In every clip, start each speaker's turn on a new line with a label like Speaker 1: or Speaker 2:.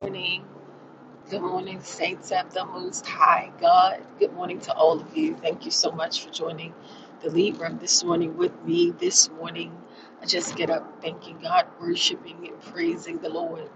Speaker 1: morning. Good morning, Saints of the Most High God. Good morning to all of you. Thank you so much for joining the lead room this morning with me. This morning, I just get up thanking God, worshiping and praising the Lord.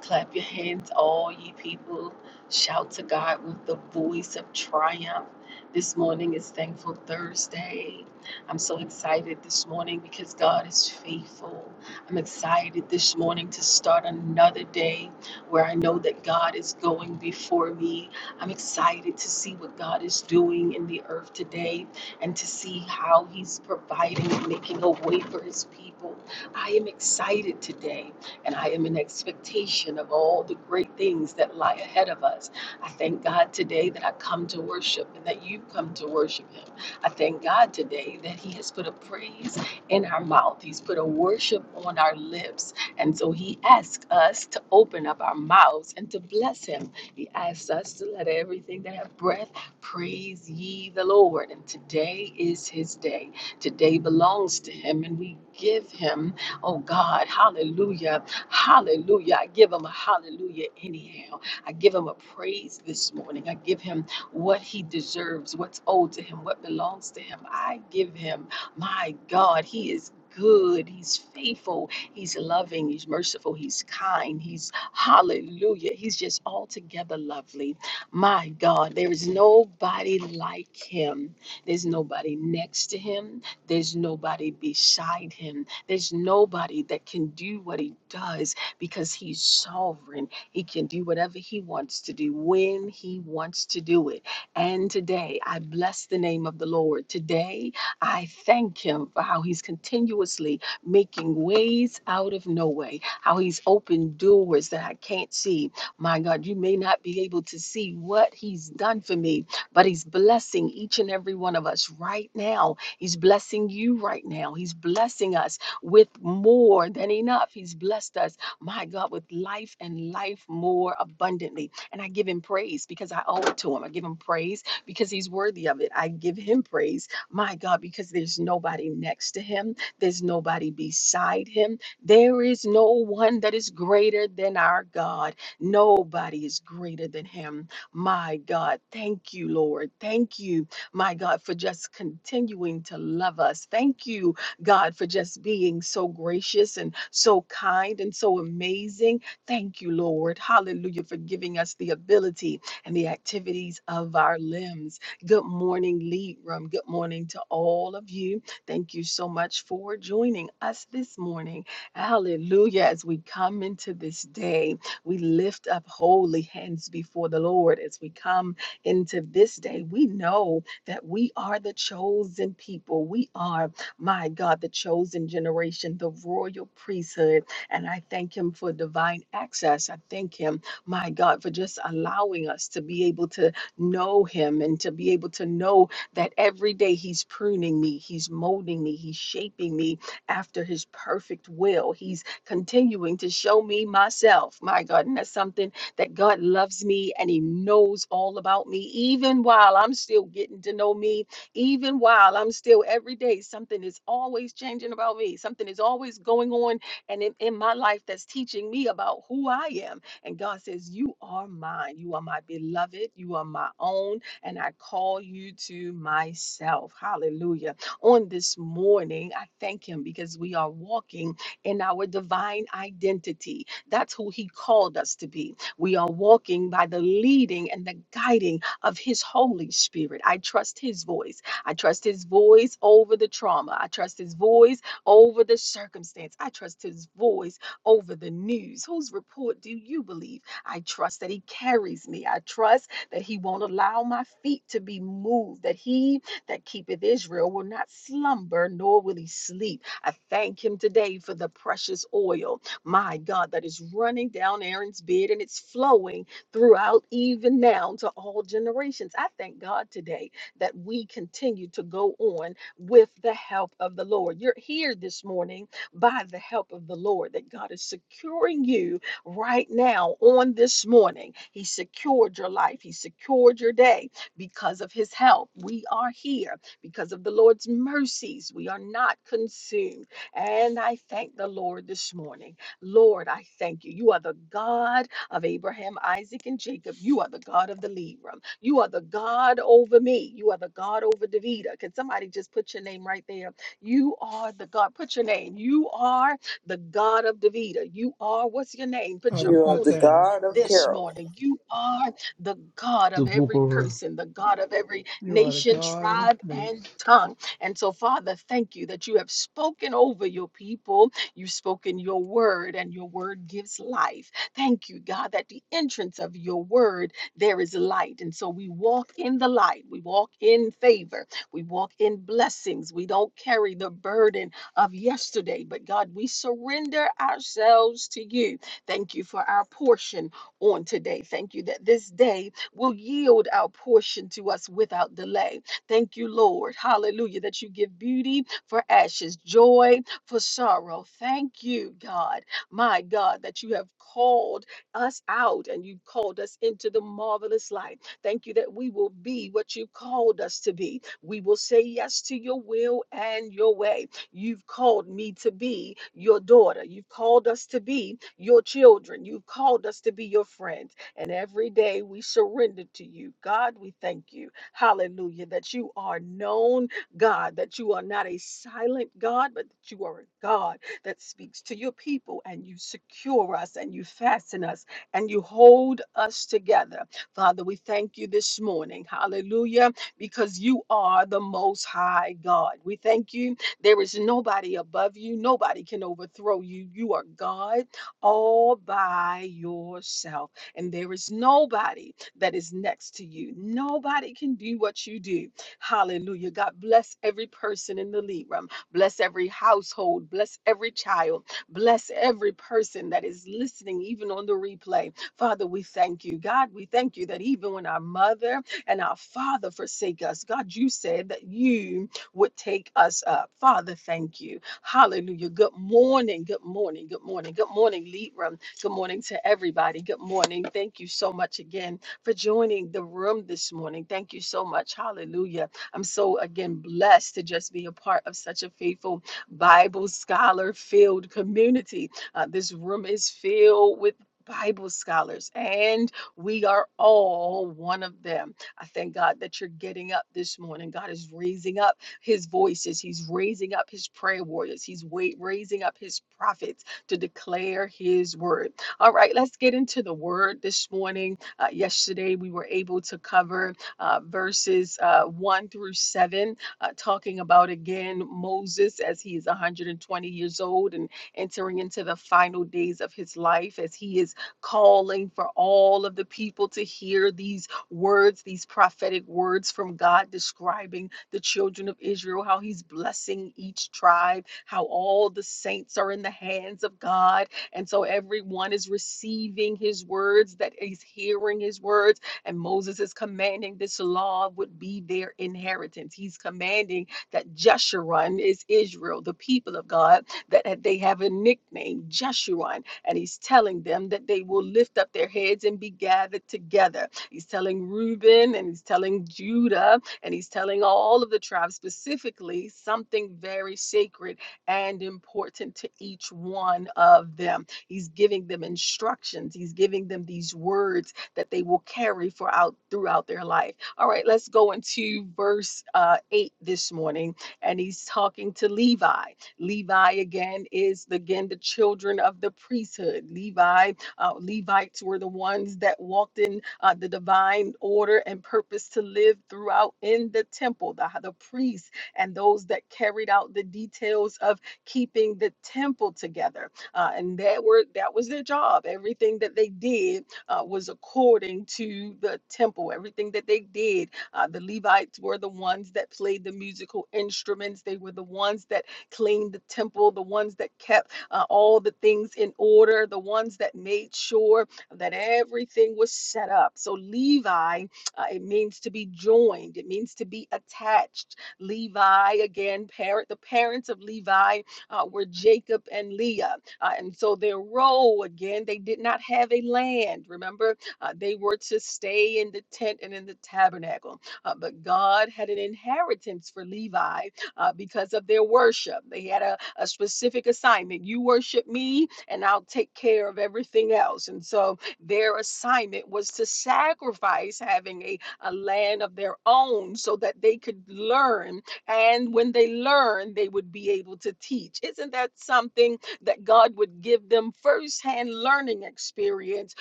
Speaker 1: Clap your hands, all ye people. Shout to God with the voice of triumph. This morning is Thankful Thursday. I'm so excited this morning because God is faithful. I'm excited this morning to start another day where I know that God is going before me. I'm excited to see what God is doing in the earth today and to see how He's providing and making a way for His people. I am excited today and I am in expectation of all the great things that lie ahead of us. I thank God today that I come to worship and that you come to worship Him. I thank God today that He has put a praise in our mouth, He's put a worship on our lips. And so he asks us to open up our mouths and to bless him. He asks us to let everything that have breath praise ye the Lord. And today is his day. Today belongs to him, and we give him, oh God, hallelujah, hallelujah. I give him a hallelujah anyhow. I give him a praise this morning. I give him what he deserves, what's owed to him, what belongs to him. I give him, my God, he is good, he's faithful, He's loving, He's merciful, He's kind, He's hallelujah. He's just altogether lovely. My God, there is nobody like Him. There's nobody next to Him. There's nobody beside Him. There's nobody that can do what He does because He's sovereign. He can do whatever He wants to do when He wants to do it. And today, I bless the name of the Lord. Today, I thank Him for how He's continuously making ways out of no way, how He's opened doors that I can't see. My God, you may not be able to see what He's done for me, but He's blessing each and every one of us right now. He's blessing you right now. He's blessing us with more than enough. He's blessed us, my God, with life and life more abundantly. And I give Him praise because I owe it to Him. I give Him praise because He's worthy of it. I give Him praise, my God, because there's nobody next to Him. There's nobody beside him. There is no one that is greater than our God. Nobody is greater than him. My God, thank you, Lord. Thank you, my God, for just continuing to love us. Thank you, God, for just being so gracious and so kind and so amazing. Thank you, Lord. Hallelujah, for giving us the ability and the activities of our limbs. Good morning, Lead Room. Good morning to all of you Thank you so much for joining us this morning. Hallelujah. As we come into this day, we lift up holy hands before the Lord. As we come into this day, we know that we are the chosen people. We are, my God, the chosen generation, the royal priesthood. And I thank Him for divine access. I thank Him, my God, for just allowing us to be able to know Him and to be able to know that every day He's pruning me, He's molding me, He's shaping me after His perfect will. He's continuing to show me myself. My God, and that's something that God loves me and He knows all about me, even while I'm still getting to know me, even while I'm still every day, something is always changing about me, something is always going on and in, in my life that's teaching me about who I am. And God says, You are mine, you are my beloved, you are my own and I call you to myself. Hallelujah. On this morning, I thank Him because we are walking in our divine identity. That's who He called us to be. We are walking by the leading and the guiding of His Holy Spirit. I trust His voice. I trust His voice over the trauma. I trust His voice over the circumstance. I trust His voice over the news. Whose report do you believe? I trust that He carries me. I trust that he won't allow my feet to be moved, that he that keepeth Israel will not slumber, nor will he sleep. I thank him today for the precious oil, my God, that is running down Aaron's beard and it's flowing throughout even now to all generations. I thank God today that we continue to go on with the help of the Lord. You're here this morning by the help of the Lord, that God is securing you right now on this morning. He secured your life, He secured your day because of His help. We are here because of the Lord's mercies. We are not consumed. And I thank the Lord this morning. Lord, I thank you. You are the God of Abraham, Isaac, and Jacob. You are the God of the Libram. You are the God over me. You are the God over Davida. Can somebody just put your name right there? You are the God. Put your name. You are the God of Davida. You are, what's your name? Put
Speaker 2: of
Speaker 1: your
Speaker 3: You are
Speaker 1: own
Speaker 3: the
Speaker 1: name
Speaker 2: Nathaniel.
Speaker 3: God of
Speaker 1: this
Speaker 3: Carol.
Speaker 1: morning. You are the God
Speaker 4: The
Speaker 1: of
Speaker 4: book
Speaker 1: every
Speaker 4: of
Speaker 1: person, the God of every
Speaker 2: You are the
Speaker 1: nation,
Speaker 2: God of
Speaker 1: tribe, and
Speaker 2: Nates.
Speaker 1: tongue. And so, Father, thank you that you have spoken over your people. You've spoken your word, and your word gives life. Thank you, God, that the entrance of your word, there is light. And so we walk in the light. We walk in favor. We walk in blessings. We don't carry the burden of yesterday. But God, we surrender ourselves to you. Thank you for our portion on today. Thank you that this day will yield our portion to us without delay. Thank you, Lord. Hallelujah. That you give beauty for ashes, joy for sorrow. Thank you, God. My God, that you have called us out and you called us into the marvelous light. Thank you that we will be what you called us to be. We will say yes to your will and your way. You've called me to be your daughter. You've called us to be your children. You've called us to be your friends. And every day we surrender to you. God, we thank you. Hallelujah. That you are known, God, that you are not a silent God, but that you are a God that speaks to your people and you secure us and you fasten us and you hold us together. Father, we thank you this morning. Hallelujah. Because you are the most high God. We thank you there is nobody above you, nobody can overthrow you. You are God all by yourself, and there is nobody that is next to you. Nobody can do what you do. Hallelujah. God bless every person in the lead room, bless every household, bless every child, bless every person that is listening, even on the replay. Father, we thank you. God, we thank you that even when our mother and our father forsake us, God, you said that you would take us up. Father, thank you. Hallelujah. Good morning. Good morning. Good morning. Good morning, Libram. Good morning to everybody. Good morning. Thank you so much again for joining the room this morning. Thank you so much. Hallelujah. I'm so again blessed to just be a part of such a faithful Bible scholar filled community. Uh, this room is filled with Bible scholars, and we are all one of them. I thank God that you're getting up this morning. God is raising up his voices. He's raising up his prayer warriors. He's wait, raising up his prophets to declare his word. All right, let's get into the word this morning. Uh, yesterday, we were able to cover uh, verses uh, 1 through 7, uh, talking about again Moses as he is 120 years old and entering into the final days of his life as he is calling for all of the people to hear these words, these prophetic words from God describing the children of Israel, how he's blessing each tribe, how all the saints are in the hands of God. And so everyone is receiving his words, that is hearing his words. And Moses is commanding this law would be their inheritance. He's commanding that Jeshurun is Israel, the people of God, that that they have a nickname, Jeshurun. And he's telling them that they will lift up their heads and be gathered together. He's telling Reuben and he's telling Judah and he's telling all of the tribes specifically something very sacred and important to each one of them. He's giving them instructions, he's giving them these words that they will carry for out throughout their life. All right, let's go into verse uh, 8 this morning. And he's talking to Levi. Levi again is again the children of the priesthood. Levi uh, Levites were the ones that walked in uh, the divine order and purpose to live throughout in the temple. The, the priests and those that carried out the details of keeping the temple together, uh, and that were that was their job. Everything that they did uh, was according to the temple. Everything that they did, uh, the Levites were the ones that played the musical instruments. They were the ones that cleaned the temple, the ones that kept uh, all the things in order, the ones that made sure that everything was set up. So Levi, uh, it means to be joined, it means to be attached. Levi, again, parent, the parents of Levi uh, were Jacob and Leah. Uh, and so their role, again, they did not have a land. Remember, uh, they were to stay in the tent and in the tabernacle. Uh, but God had an inheritance for Levi uh, because of their worship. They had a, a specific assignment. You worship me, and I'll take care of everything else. And so their assignment was to sacrifice having a, a land of their own so that they could learn. And when they learn, they would be able to teach. Isn't that something that God would give them firsthand learning experience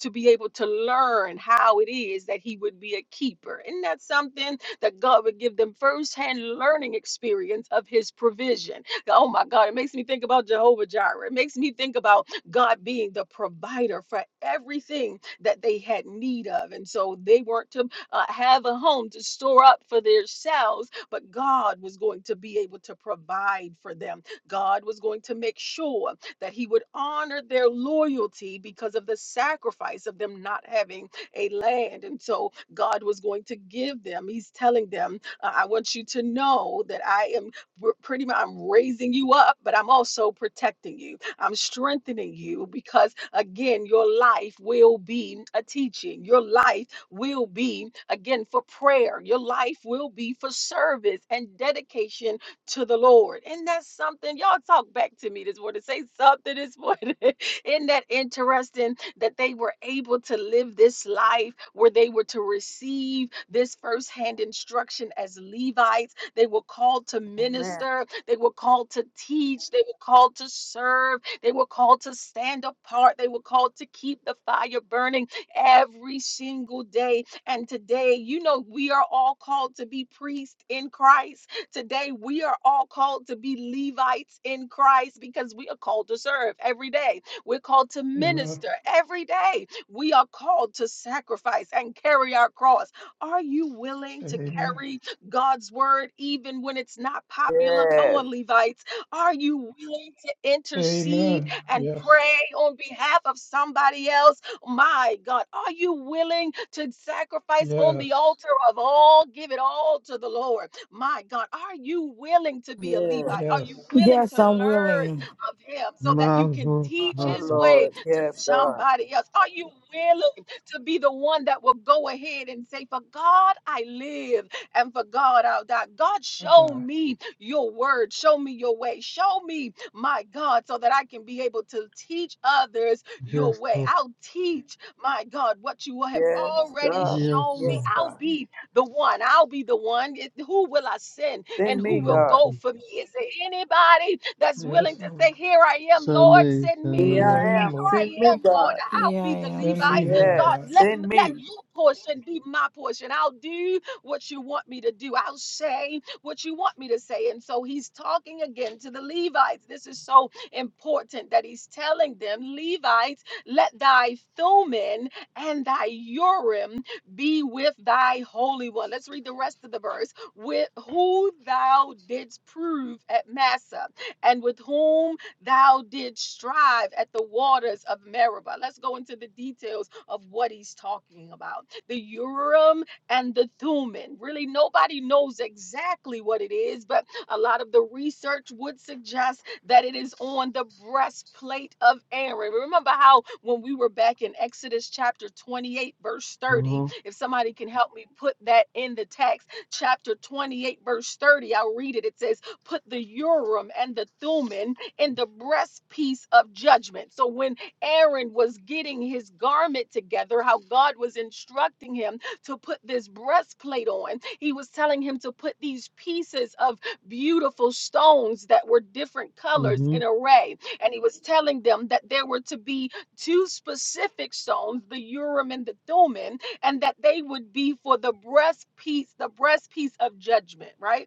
Speaker 1: to be able to learn how it is that He would be a keeper? Isn't that something that God would give them firsthand learning experience of His provision. Oh my God, it makes me think about Jehovah Jireh. It makes me think about God being the provider for everything that they had need of. And so they weren't to uh, have a home to store up for themselves, but God was going to be able to provide for them. God was going to make sure that He would honor their loyalty because of the sacrifice of them not having a land. And so God was going to give them. He's telling them, uh, I want you to know that I am r- pretty much I'm raising you up, but I'm also protecting you. I'm strengthening you because again, your life will be a teaching. Your life will be again for prayer. Your life will be for service and dedication to the Lord. And that's something y'all talk back to me this morning. Say something this morning. Isn't that interesting? that they were able to live this life where they were to receive this firsthand instruction as Levites. They were called to
Speaker 3: Amen.
Speaker 1: minister, they were called to teach, they were called to serve, they were called to stand apart, they were called to keep the fire burning every single day. And today, you know, we are all called to be priests in Christ. Today, we are all called to be Levites in Christ because we are called to serve every day. We're called to
Speaker 2: Amen.
Speaker 1: minister every day. We are called to sacrifice and carry our cross. Are you willing to
Speaker 2: Amen.
Speaker 1: carry God's word even when it's not popular? Come
Speaker 3: Yes.
Speaker 1: on, Levites. Are you willing to intercede
Speaker 2: Amen.
Speaker 1: and
Speaker 2: Yes.
Speaker 1: pray on behalf of somebody else? My God, are you willing to sacrifice on the
Speaker 2: Yes.
Speaker 1: altar of all? Give it all to the Lord. My God, are you willing to be a
Speaker 3: Yes.
Speaker 1: Levite? Are
Speaker 2: Yes.
Speaker 1: you willing
Speaker 5: Yes,
Speaker 1: to
Speaker 5: I'm
Speaker 1: learn
Speaker 5: willing.
Speaker 1: of him so that you can
Speaker 4: Marvel
Speaker 1: teach
Speaker 4: of
Speaker 3: Our
Speaker 1: his way
Speaker 3: Lord.
Speaker 1: to
Speaker 3: Yes, God.
Speaker 1: somebody else? Are you willing to be the one that will go ahead and say, For God I live and for God I'll die? God,
Speaker 2: I
Speaker 1: show
Speaker 2: die.
Speaker 1: me your word, show me your way, show me my God so that I can be able to teach others your
Speaker 4: just
Speaker 1: way.
Speaker 4: so,
Speaker 1: I'll teach my God what you have
Speaker 3: Yes,
Speaker 1: already
Speaker 3: God.
Speaker 4: yes,
Speaker 1: shown me.
Speaker 4: so,
Speaker 3: Yes,
Speaker 1: I'll
Speaker 3: God.
Speaker 1: be the one. I'll be the one. It- Who will I send and
Speaker 3: Send
Speaker 1: who
Speaker 3: me,
Speaker 1: will
Speaker 3: God.
Speaker 1: go
Speaker 4: mm-hmm.
Speaker 1: for me? Is there anybody that's
Speaker 2: Yes,
Speaker 1: willing to
Speaker 2: Lord.
Speaker 1: say, Here I am, Lord,
Speaker 4: Sammy,
Speaker 1: send me?
Speaker 3: Here
Speaker 2: Here
Speaker 4: Sammy,
Speaker 2: I
Speaker 3: I am.
Speaker 2: am, Lord.
Speaker 3: Send
Speaker 1: I
Speaker 3: me,
Speaker 1: am, Lord.
Speaker 3: God.
Speaker 1: I'll
Speaker 5: Here I
Speaker 1: be the
Speaker 5: am.
Speaker 2: Send me
Speaker 1: Levite.
Speaker 5: Send
Speaker 2: now,
Speaker 5: me.
Speaker 3: Yes.
Speaker 1: God,
Speaker 2: God.
Speaker 1: let,
Speaker 3: Send
Speaker 1: let
Speaker 3: me.
Speaker 1: your portion be my portion. I'll do what you want me to do. I'll say what you want me to say. And so he's talking again to the Levites. This is so important that he's telling them, Levites, let thy Thummim and thy Urim be with thy Holy One. Let's read the rest of the verse. With who thou didst prove at Massa, and with whom Thou did strive at the waters of Meribah. Let's go into the details of what he's talking about. The Urim and the Thummim. Really, nobody knows exactly what it is, but a lot of the research would suggest that it is on the breastplate of Aaron. Remember how when we were back in Exodus chapter 28, verse
Speaker 4: uh
Speaker 1: 30,
Speaker 4: huh,
Speaker 1: if somebody can help me put that in the text, chapter 28, verse 30, I'll read it. It says, Put the Urim and the Thummim in the breastpiece of judgment. So when Aaron was getting his garment together, how God was instructing him to put this breastplate on, he was telling him to put these pieces of beautiful stones that were different colors
Speaker 4: mm-hmm,
Speaker 1: in array. And he was telling them that there were to be two specific stones, the Urim and the Thummim, and that they would be for the breastpiece, the breastpiece of judgment, right?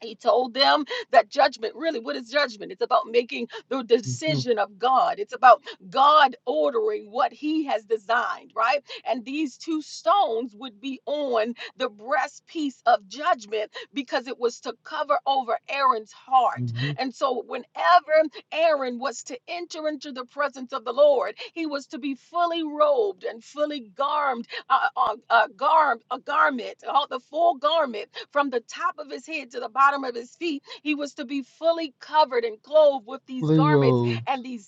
Speaker 1: He told them that judgment really, what is judgment? It's about making the
Speaker 4: mm-hmm,
Speaker 1: decision of God. It's about God ordering what he has designed, right? And these two stones would be on the breastpiece of judgment because it was to cover over Aaron's heart.
Speaker 4: mm-hmm,
Speaker 1: And so, whenever Aaron was to enter into the presence of the Lord, he was to be fully robed and fully garmented uh, uh, uh, gar- a garment, all the full garment from the top of his head to the bottom of his feet. He was to be fully covered and clothed with these
Speaker 4: Lee
Speaker 1: garments
Speaker 4: Rhodes,
Speaker 1: and these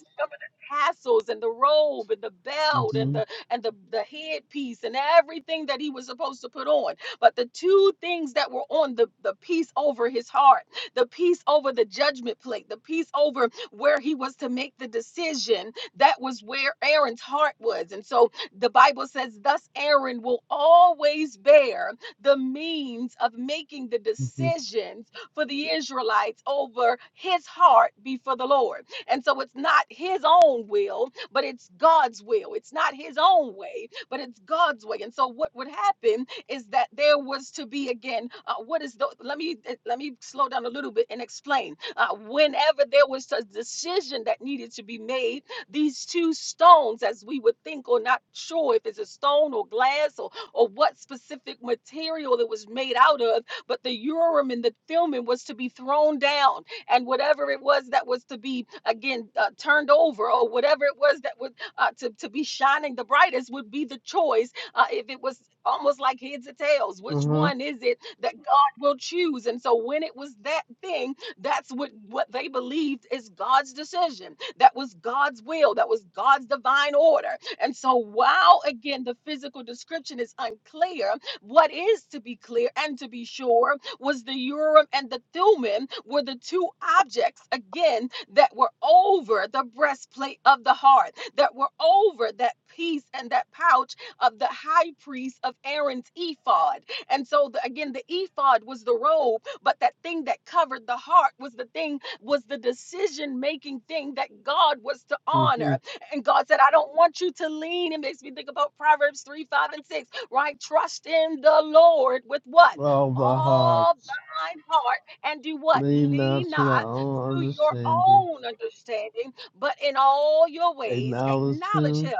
Speaker 1: tassels and the robe and the belt and
Speaker 4: mm-hmm,
Speaker 1: the and the, the headpiece and everything that he was supposed to put on. But the two things that were on the, the piece over his heart, the piece over the judgment plate, the piece over where he was to make the decision, that was where Aaron's heart was. And so the Bible says, Thus Aaron will always bear the means of making the
Speaker 4: mm-hmm,
Speaker 1: decisions for the Israelites over his heart before the Lord. And so it's not his own will, but it's God's will. It's not his own way, but it's God's way. And so what would happen is that there was to be again. Uh, what is the? Let me eh, let me slow down a little bit and explain. Uh, whenever there was a decision that needed to be made these two stones, as we would think, or not sure if it's a stone or glass or, or what specific material it was made out of, but the Urim and the Thummim was to be thrown down, and whatever it was that was to be again uh, turned over, or whatever it was that was uh, to, to be shining the brightest, would be the choice. Uh, if it was almost like heads or tails, which
Speaker 4: uh-huh,
Speaker 1: one is it that God will choose? And so when it was that thing, that's what what they believed is God's decision that was God's will, that was God's divine order. And so, while again the physical description is unclear, what is to be clear and to be sure was the Urim and the Thummim were the two objects again that were over the breastplate of the heart, that were over that piece and that pouch of the high priest of Aaron's ephod. And so the, again, the ephod was the robe, but that thing that covered the heart was the thing was the decision making thing that God was to
Speaker 4: mm-hmm,
Speaker 1: honor. And God said, I don't want you to lean. It makes me think about Proverbs 3, 5, and 6, right? Trust in the Lord with what?
Speaker 4: all the
Speaker 1: All
Speaker 4: hearts,
Speaker 1: thine heart and do what?
Speaker 4: lean not
Speaker 1: Lean
Speaker 4: to thy
Speaker 1: not
Speaker 4: own
Speaker 1: to your
Speaker 4: understanding,
Speaker 1: own understanding, but in all your ways
Speaker 4: acknowledge
Speaker 1: acknowledge
Speaker 4: him,
Speaker 1: him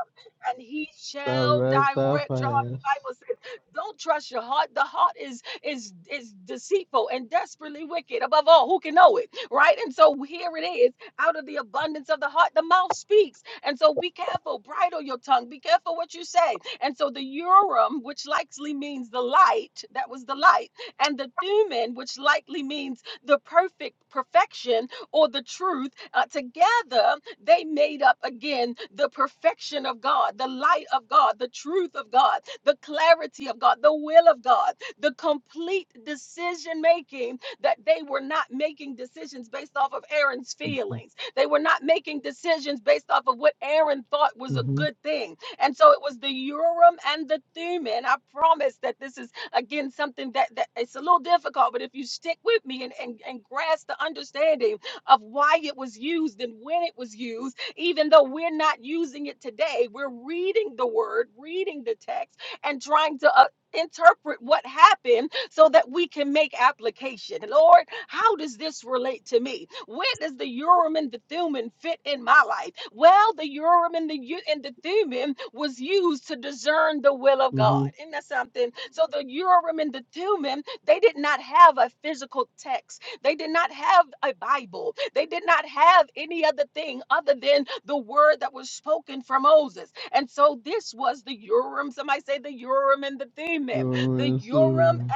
Speaker 1: and he shall
Speaker 4: direct thy
Speaker 1: direct your heart. The
Speaker 4: path,
Speaker 1: Bible says, don't trust your heart. The heart is is is deceitful and desperately wicked. Above all, who can know it? right? And so here it is out of the abundance of the heart, the mouth speaks. And so be careful, bridle your tongue, be careful what you say. And so the urim, which likely means the light, that was the light, and the thumen, which likely means the perfect perfection or the truth, uh, together they made up again the perfection of God, the light of God, the truth of God, the clarity of God, the will of God, the complete decision making that they were not making decisions based off of Aaron's
Speaker 4: mm-hmm,
Speaker 1: feelings. They were not making decisions based off of what Aaron thought was a
Speaker 4: mm-hmm,
Speaker 1: good thing. And so it was the Urim and the Thummim. I promise that this is again something that, that it's a little difficult, but if you stick with me and, and, and grasp the understanding of why it was used and when it was used, even though we're not using it today, we're reading the word, reading the text, and trying to uh, interpret what happened so that we can make application. Lord, how does this relate to me? Where does the Urim and the Thummim fit in my life? Well, the Urim and the U- and the Thummim was used to discern the will of God.
Speaker 4: mm-hmm,
Speaker 1: Isn't that something? So the Urim and the Thummim, they did not have a physical text. They did not have a Bible. They did not have any other thing other than the word that was spoken from Moses. And so this was the Urim. Somebody say the Urim and the Thummim
Speaker 4: your
Speaker 1: the Urim
Speaker 4: answer,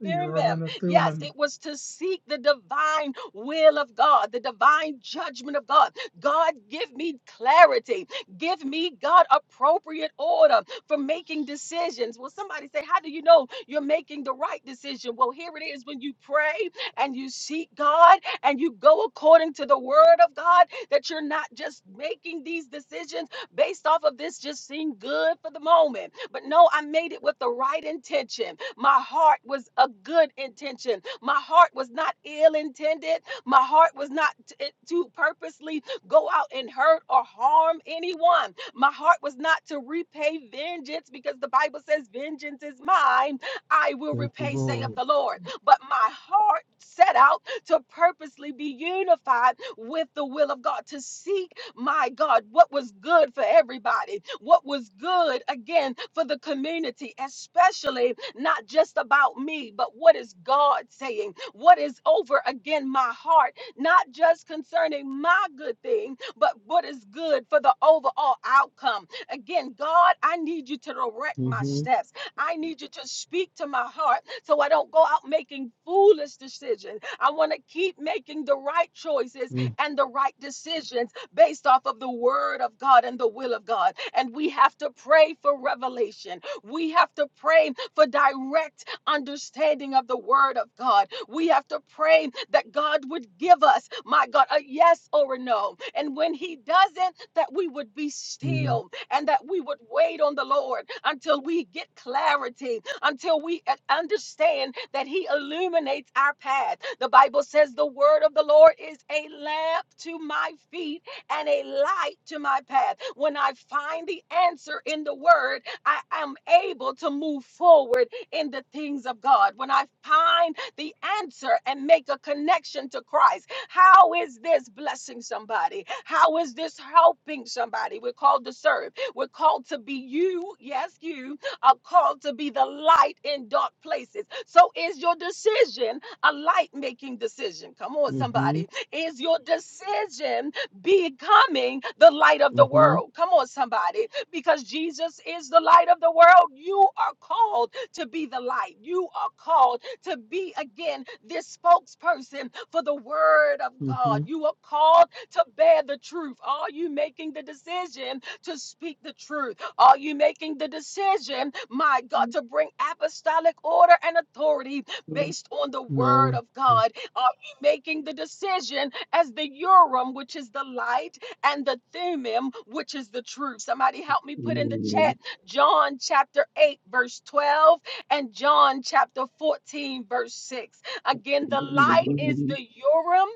Speaker 2: The Urim
Speaker 1: them.
Speaker 2: and the
Speaker 1: Yes, it
Speaker 2: Thummim.
Speaker 1: was to seek the divine will of God, the divine judgment of God. God, give me clarity. Give me, God, appropriate order for making decisions. Well, somebody say, How do you know you're making the right decision? Well, here it is when you pray and you seek God and you go according to the word of God, that you're not just making these decisions based off of this just seem good for the moment. But no, I made it with the right intention. My heart was a good intention. My heart was not ill intended. My heart was not t- eh, to purposely go out and hurt or harm anyone. My heart was not to repay vengeance because the Bible says, Vengeance is mine. I will
Speaker 4: take the
Speaker 1: repay, saith
Speaker 4: Lord,
Speaker 1: the Lord. But my heart set out to purposely be unified with the will of God, to seek, my God, what was good for everybody, what was good, again, for the community, especially not just about me, but what is God saying? What is over, again, my heart, not just concerning my good thing, but what is good for the overall outcome. Again, God, I need you to direct my
Speaker 4: mm-hmm,
Speaker 1: steps. I need you to speak to my heart so I don't go out making foolish decisions. I want to keep making the right choices
Speaker 4: mm-hmm.
Speaker 1: and the right decisions based off of the word of God and the will of God. And we have to pray for revelation. We have to pray for direct understanding of the word of God. We have to pray that God would give us, my God, a yes or a no. And when he doesn't, that we would be
Speaker 4: mm-hmm,
Speaker 1: still and that we would wait on the Lord until we get clarity, until we uh, understand that He illuminates our path. The Bible says the word of the Lord is a lamp to my feet and a light to my path. When I find the answer in the word, I am able to move forward in the things of God. When I find the answer and make a connection to Christ, how is this blessing somebody? How is this helping somebody? We're called to serve. We're called to be you, yes, you are called to be the light in dark places. So is your decision a light making decision? Come on,
Speaker 4: Mm-hmm.
Speaker 1: somebody. Is your decision becoming the light of the
Speaker 4: Mm-hmm.
Speaker 1: world? Come on, somebody. Because Jesus is the light of the world, you are called to be the light. You are called to be, again, this spokesperson for the word of
Speaker 4: Mm-hmm.
Speaker 1: God. You are called to bear the truth. Are you making the decision to speak the truth? Are you making the decision, my God,
Speaker 6: Amen.
Speaker 1: to bring apostolic order and authority based on the word
Speaker 4: No.
Speaker 1: of God? Are you making the decision as the Urim, which is the light, and the Thummim, which is the truth? Somebody help me
Speaker 6: Well,
Speaker 1: put in the chat John chapter 8, verse 12, and John chapter 14, verse 6. Again, the light is the Urim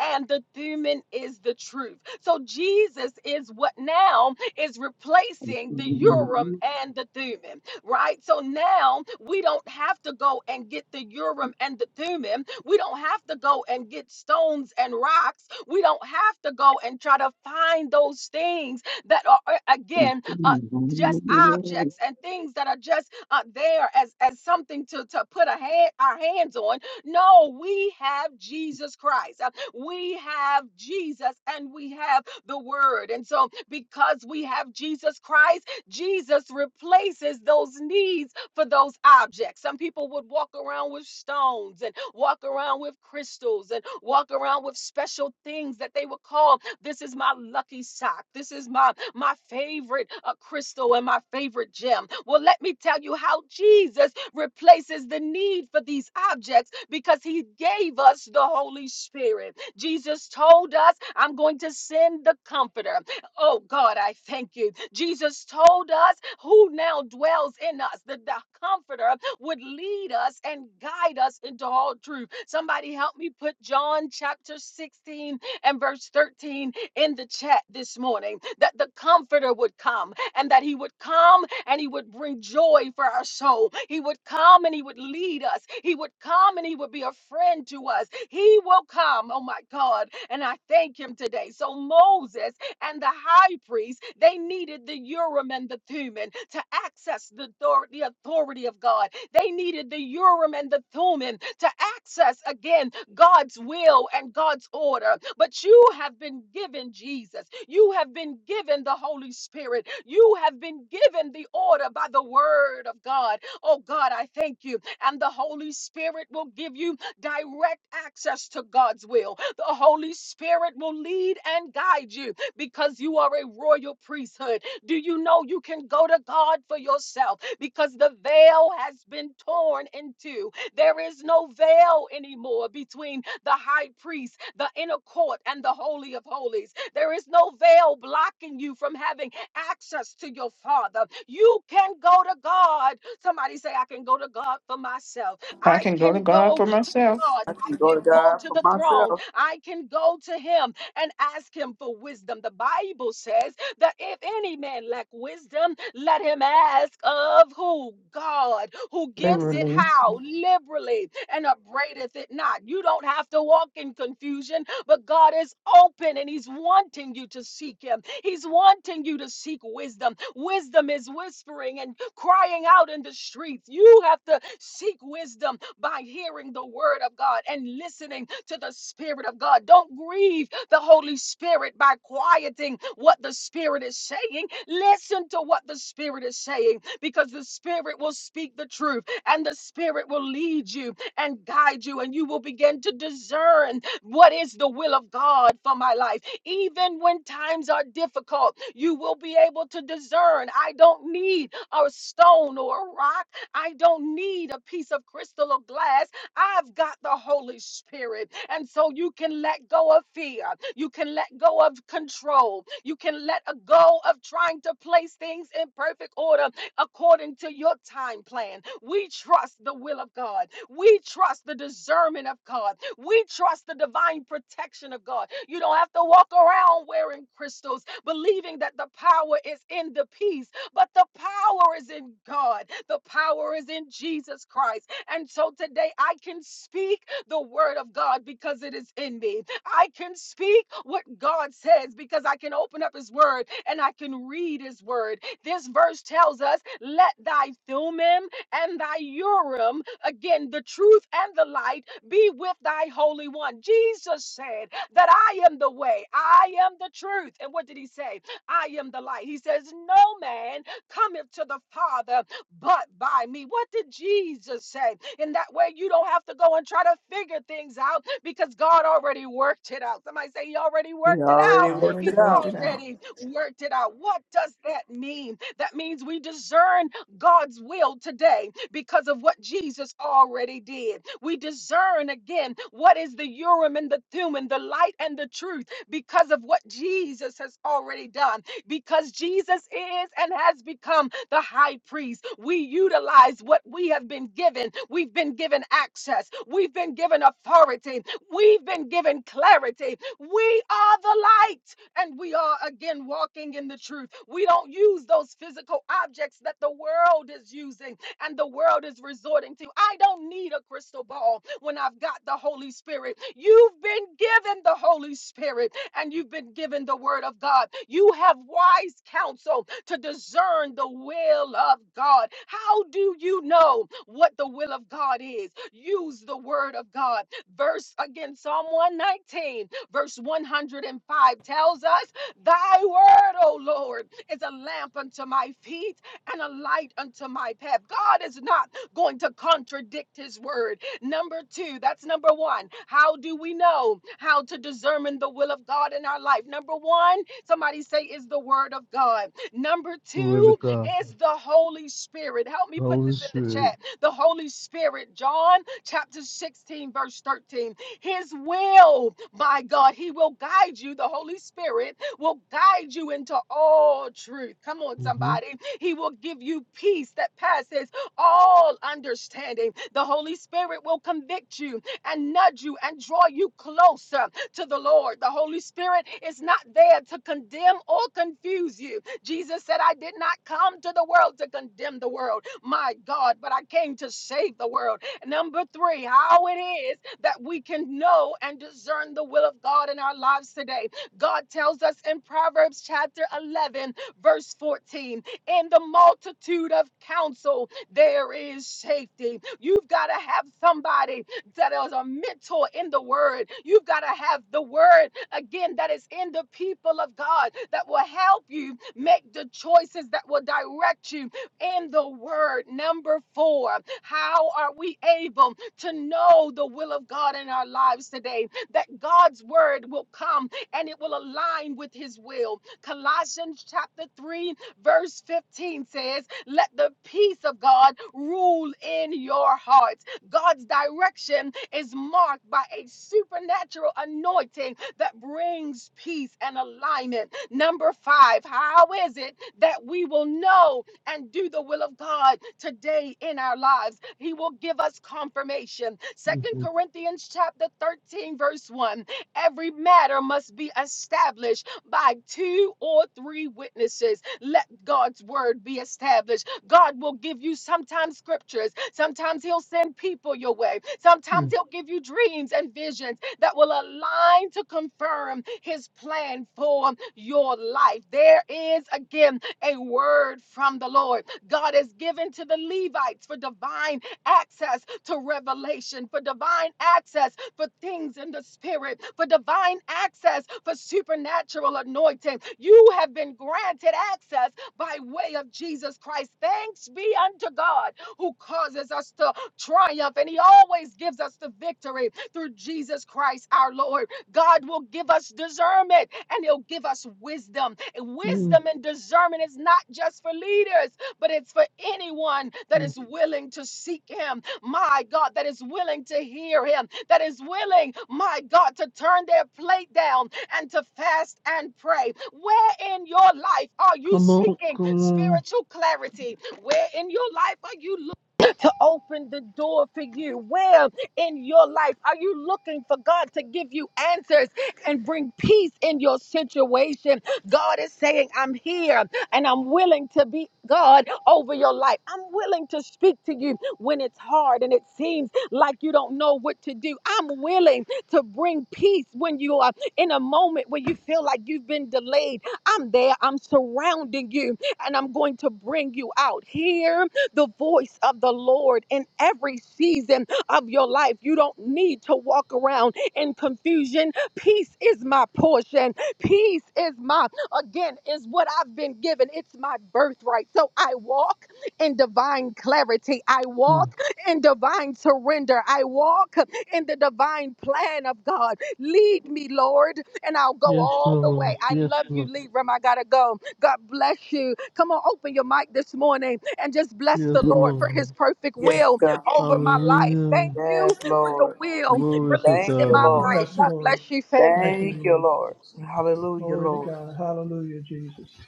Speaker 1: and the demon is the truth. So Jesus is what now is replacing the
Speaker 4: Mm-hmm.
Speaker 1: Urim and the Thummim, right? So now we don't have to go and get the Urim and the Thummim. We don't have to go and get stones and rocks. We don't have to go and try to find those things that are uh, again uh, just objects and things that are just uh, there as as something to to put a hand our hands on. No, we have Jesus Christ. We have Jesus and we have the word. And so, because we have Jesus Christ, Jesus replaces those needs for those objects. Some people would walk around with stones and walk around with crystals and walk around with special things that they would call this is my lucky sock. This is my my favorite uh, crystal and my favorite gem. Well, let me tell you how Jesus replaces the need for these objects because he gave us the Holy Spirit. Jesus told us, I'm going to send the comforter. Oh God, I thank you. Jesus told us who now dwells in us, that the comforter would lead us and guide us into all truth. Somebody help me put John chapter 16 and verse 13 in the chat this morning that the comforter would come and that he would come and he would bring joy for our soul. He would come and he would lead us. He would come and he would be a friend to us. He will come, oh my God, and I thank him today. So Moses and the high priest, they needed the Urim and the Thummim to access the, author- the authority of God. They needed the Urim and the Thummim to access again God's will and God's order. But you have been given Jesus. You have been given the Holy Spirit. You have been given the order by the word of God. Oh God, I thank you. And the Holy Spirit will give you direct access to God's will. The Holy Spirit will lead and guide you because you are a royal priesthood. Do you know you can go to God for yourself because the veil has been torn in two? There is no veil anymore between the high priest, the inner court, and the Holy of Holies. There is no veil blocking you from having access to your Father. You can go to God. Somebody say, I can go to God for myself.
Speaker 7: I
Speaker 1: I
Speaker 7: can go to
Speaker 1: can
Speaker 7: God
Speaker 1: go
Speaker 7: for
Speaker 1: to
Speaker 7: myself,
Speaker 1: God.
Speaker 3: I can
Speaker 1: I
Speaker 3: go to
Speaker 1: can go
Speaker 3: God
Speaker 1: to
Speaker 3: for
Speaker 1: the throne.
Speaker 3: myself.
Speaker 1: I can go to Him and ask Him for wisdom. The Bible says, that if any man lack wisdom, let him ask of who? God, who gives it
Speaker 7: literally.
Speaker 1: how? Liberally and upbraideth it not. You don't have to walk in confusion, but God is open and he's wanting you to seek him. He's wanting you to seek wisdom. Wisdom is whispering and crying out in the streets. You have to seek wisdom by hearing the word of God and listening to the Spirit of God. Don't grieve the Holy Spirit by quieting what the Spirit is saying. Listen to what the Spirit is saying because the Spirit will speak the truth and the Spirit will lead you and guide you, and you will begin to discern what is the will of God for my life. Even when times are difficult, you will be able to discern. I don't need a stone or a rock. I don't need a piece of crystal or glass. I've got the Holy Spirit. And so you can let go of fear. You can let go of control. You can let a go of trying to place things in perfect order according to your time plan. We trust the will of God. We trust the discernment of God. We trust the divine protection of God. You don't have to walk around wearing crystals, believing that the power is in the peace but the power is in God. The power is in Jesus Christ. And so today I can speak the word of God because it is in me. I can speak what God says because I can open up his word and I can read his word. This verse tells us, let thy thummim and thy urim, again, the truth and the light, be with thy holy one. Jesus said that I am the way, I am the truth. And what did he say? I am the light. He says, No man cometh to the Father but by me. What did Jesus say? In that way, you don't have to go and try to figure things out because God already worked it out. Somebody say, He already
Speaker 3: He
Speaker 1: worked it
Speaker 3: already
Speaker 7: I
Speaker 1: out.
Speaker 3: worked
Speaker 7: already
Speaker 1: He
Speaker 3: it
Speaker 7: worked
Speaker 3: out.
Speaker 7: it out.
Speaker 1: already worked it out. What does that mean? That means we discern God's will today because of what Jesus already did. We discern again what is the Urim and the Thummim, the light and the truth, because of what Jesus has already done because Jesus is and has become the high priest. We utilize what we have been given. We've been given access. We've been given authority. We've been given clarity. We are the light and we are again walking in the truth. We don't use those physical objects that the world is using and the world is resorting to. I don't need a crystal ball when I've got the Holy Spirit. You've been given the Holy Spirit and you've been given the Word of God. You have wise counsel to discern the will of God. How do you know what the will of God is? Use the Word of God. Verse again, Psalm 119, verse 105 tells us, Thy Word, O Lord, is a lamp unto my feet and a light unto my path. God is not going to contradict his word. Number two, that's number one. How do we know how to discern the will of God in our life? Number one, somebody say, is the word of God. Number
Speaker 4: Word
Speaker 1: two
Speaker 4: of God.
Speaker 1: is the Holy Spirit. Help me put
Speaker 4: Holy
Speaker 1: this in the chat.
Speaker 4: Spirit.
Speaker 1: The Holy Spirit, John chapter 16, verse 13. His will, my God, he will guide you. The Holy Spirit will guide you into all truth. Come on,
Speaker 4: Mm-hmm.
Speaker 1: somebody. He will give you peace that passes all understanding. The Holy Spirit will convict you and nudge you and draw you closer to the Lord. The Holy Spirit is not there to condemn or confuse you. Jesus said, I did not come to the world to condemn the world, my God, but I came to save the world. Number three, how it is that we can know and discern the will of God in our lives today. God tells us in Proverbs chapter 11, verse 14. In the multitude of counsel, there is safety. You've got to have somebody that is a mentor in the word. You've got to have the word again that is in the people of God that will help you make the choices that will direct you in the word. Number four, how are we able to know the will of God in our lives today? That God's word will come and it will align with his will. Colossians chapter 3 Verse 15 says, Let the peace of God rule in your hearts. God's direction is marked by a supernatural anointing that brings peace and alignment. Number five, how is it that we will know and do the will of God today in our lives? He will give us confirmation. Second
Speaker 4: Mm-hmm.
Speaker 1: Corinthians chapter 13, verse 1. Every matter must be established by two or three witnesses. Let God's word be established. God will give you sometimes scriptures. Sometimes He'll send people your way. Sometimes He'll give you dreams and visions that will align to confirm His plan for your life. There is again a word from the Lord. God has given to the Levites for divine access to revelation, for divine access for things in the spirit, for divine access, for supernatural anointing. You have been granted access by way of Jesus Christ. Thanks be unto God who causes us to triumph, and He always gives us the victory through Jesus Christ our Lord. God will give us discernment and He'll give us wisdom. And
Speaker 4: Mm-hmm.
Speaker 1: wisdom and discernment is not just for leaders, but it's for anyone that
Speaker 4: mm
Speaker 1: is willing to seek Him my God, that is willing to hear him, that is willing, my God, to turn their plate down and to fast and pray. Where in your life are you
Speaker 4: Come on,
Speaker 1: seeking
Speaker 4: come on.
Speaker 1: spiritual clarity? Where in your life are you looking? To open the door for you. Where in your life are you looking for God to give you answers and bring peace in your situation? God is saying, I'm here and I'm willing to be God over your life. I'm willing to speak to you when it's hard and it seems like you don't know what to do. I'm willing to bring peace when you are in a moment where you feel like you've been delayed. I'm there, I'm surrounding you, and I'm going to bring you out. Hear the voice of the Lord in every season of your life. You don't need to walk around in confusion. Peace is my portion. Peace is my, again, is what I've been given. It's my birthright. So I walk in divine clarity. I
Speaker 4: Mm.
Speaker 1: walk in divine surrender. I walk in the divine plan of God. Lead me, Lord, and I'll go
Speaker 4: Yes,
Speaker 1: all the
Speaker 4: Lord.
Speaker 1: way. I
Speaker 4: Yes,
Speaker 1: love you,
Speaker 4: Lord.
Speaker 1: Libram. I gotta go. God bless you. Come on, open your mic this morning and just bless
Speaker 4: Yes,
Speaker 1: the
Speaker 3: Yes,
Speaker 1: Lord
Speaker 4: Lord.
Speaker 1: for his perfect
Speaker 3: yes,
Speaker 1: will
Speaker 3: God.
Speaker 1: over my life.
Speaker 4: Hallelujah.
Speaker 1: Thank
Speaker 3: Yes,
Speaker 1: you for your
Speaker 3: Lord.
Speaker 1: will
Speaker 4: Glory to
Speaker 3: Thank
Speaker 1: released in
Speaker 3: you,
Speaker 1: my
Speaker 4: God.
Speaker 3: Lord.
Speaker 1: life.
Speaker 2: Yes,
Speaker 1: God
Speaker 2: Lord.
Speaker 1: bless you, family.
Speaker 2: Thank you,
Speaker 3: Thank you,
Speaker 2: Lord.
Speaker 3: Lord. Hallelujah,
Speaker 2: Glory to
Speaker 3: Lord.
Speaker 2: God. Hallelujah, Jesus.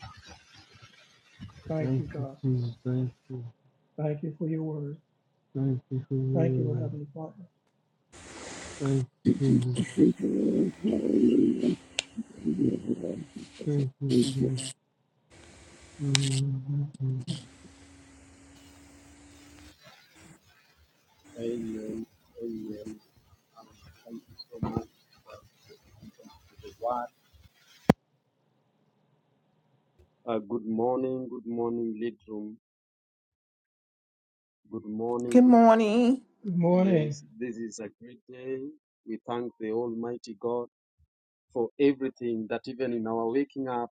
Speaker 2: Thank
Speaker 4: Thank
Speaker 2: you,
Speaker 4: you,
Speaker 2: God.
Speaker 4: Jesus. Thank you.
Speaker 2: Thank you for your word.
Speaker 4: Thank you for your
Speaker 2: Thank you,
Speaker 4: word.
Speaker 2: Heavenly Father.
Speaker 4: Thank you, Jesus. Thank you, Jesus. Mm-hmm.
Speaker 8: Amen. Amen. Thank you so much for the word. Uh, good morning. Good morning, lead room. Good morning.
Speaker 7: Good
Speaker 8: Good...
Speaker 7: morning.
Speaker 2: Good morning.
Speaker 8: Yes, this is a great day. We thank the Almighty God for everything that even in our waking up,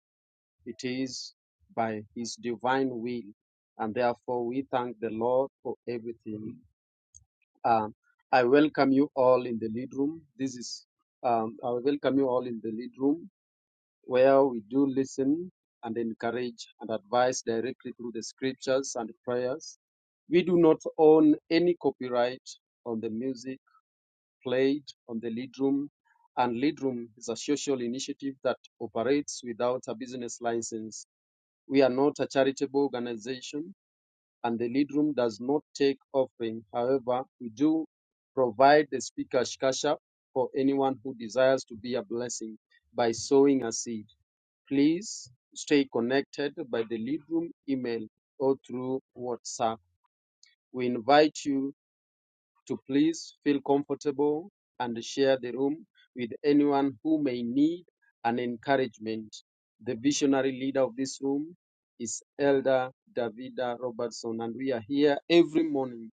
Speaker 8: it is by His divine will. And therefore, we thank the Lord for everything. Um, I welcome you all in the lead room. This is, um, I welcome you all in the lead room. where we do listen and encourage and advise directly through the scriptures and prayers. We do not own any copyright on the music played on the lead room, and lead room is a social initiative that operates without a business license. We are not a charitable organization, and the lead room does not take offering. However, we do provide the speaker's cash app for anyone who desires to be a blessing by sowing a seed. Please stay connected by the lead room email or through WhatsApp. We invite you to please feel comfortable and share the room with anyone who may need an encouragement. The visionary leader of this room is Elder Davida Robertson, and we are here every morning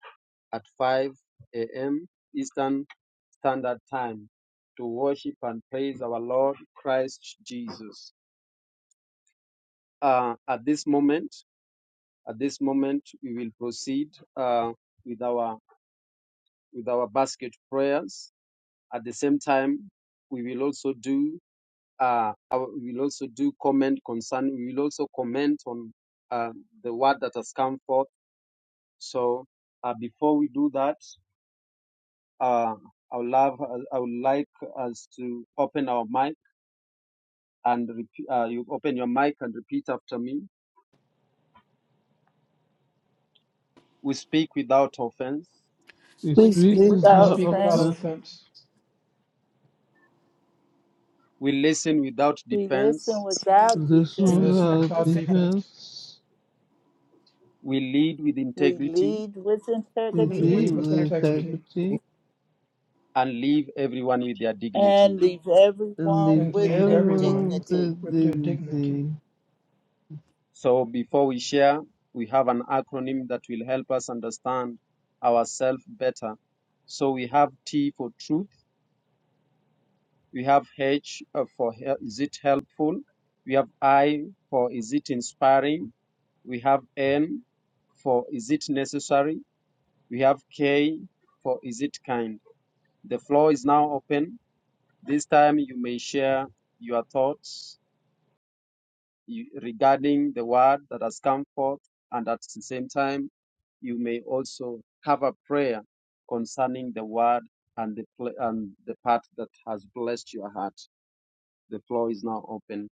Speaker 8: at 5 a.m. Eastern Standard Time to worship and praise our Lord Christ Jesus. Uh, at this moment, At this moment, we will proceed uh, with our with our basket prayers. At the same time, we will also do uh, our, we will also do comment concern. We will also comment on uh, the word that has come forth. So uh, before we do that, uh, I would love I would like us to open our mic and repeat, uh, you open your mic and repeat after me. We speak without offense.
Speaker 4: His
Speaker 7: We
Speaker 9: We
Speaker 4: weak
Speaker 7: speak
Speaker 9: speak
Speaker 4: is
Speaker 2: We
Speaker 7: without
Speaker 9: our
Speaker 4: our
Speaker 2: speak without
Speaker 7: offense.
Speaker 9: offense.
Speaker 2: offense.
Speaker 8: We listen without
Speaker 9: We
Speaker 8: defense
Speaker 9: listen without
Speaker 7: We
Speaker 4: This
Speaker 2: We
Speaker 7: listen
Speaker 4: was
Speaker 9: defense.
Speaker 2: listen
Speaker 7: without
Speaker 4: our
Speaker 2: without
Speaker 7: dissent.
Speaker 2: defense.
Speaker 4: defense.
Speaker 8: we lead with
Speaker 9: We
Speaker 8: integrity
Speaker 9: lead with
Speaker 7: We
Speaker 4: We
Speaker 2: We
Speaker 7: lead
Speaker 9: integrity
Speaker 4: did
Speaker 7: with
Speaker 2: lead with
Speaker 4: with
Speaker 7: integrity.
Speaker 2: integrity.
Speaker 4: integrity
Speaker 8: and leave everyone with their dignity.
Speaker 9: and leave
Speaker 4: and
Speaker 9: everyone
Speaker 4: leave
Speaker 2: and
Speaker 9: with
Speaker 7: And
Speaker 2: leave
Speaker 7: we
Speaker 9: their
Speaker 7: walk
Speaker 2: everyone
Speaker 4: everyone
Speaker 7: with
Speaker 4: with
Speaker 9: dignity.
Speaker 7: dignity.
Speaker 2: with
Speaker 4: their
Speaker 2: their dignity.
Speaker 4: dignity.
Speaker 8: So before we share, we have an acronym that will help us understand ourselves better. So we have T for truth, we have H uh, for is it helpful, we have I for is it inspiring, we have N for is it necessary, we have K for is it kind. The floor is now open. This time you may share your thoughts you, regarding the word that has come forth, and at the same time, you may also have a prayer concerning the word and the pl- and the part that has blessed your heart. The floor is now open.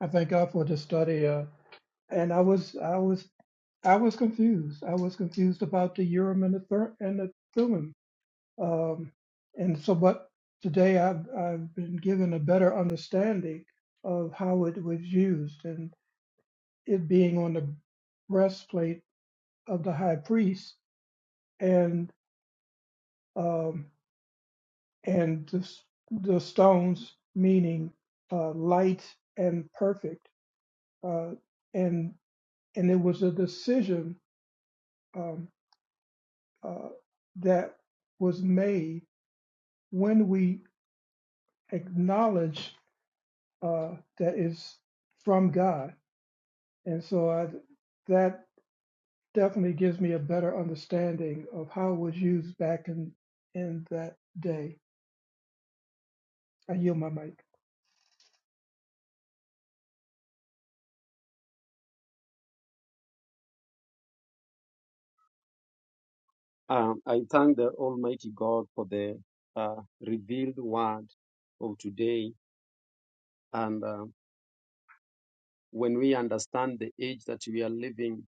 Speaker 2: I thank God for the study. Uh, and I was, I was, I was confused. I was confused about the urim and the thur- and the thummim. Um, and so, but today I've, I've been given a better understanding of how it was used and it being on the breastplate of the high priest and um, and the, s- the stones meaning uh, light and perfect uh, and and it was a decision um, uh, that was made when we acknowledge uh, that it's from God, and so I, that definitely gives me a better understanding of how it was used back in in that day. I yield my mic.
Speaker 8: Um, I thank the Almighty God for the uh, revealed word of today, and uh, when we understand the age that we are living,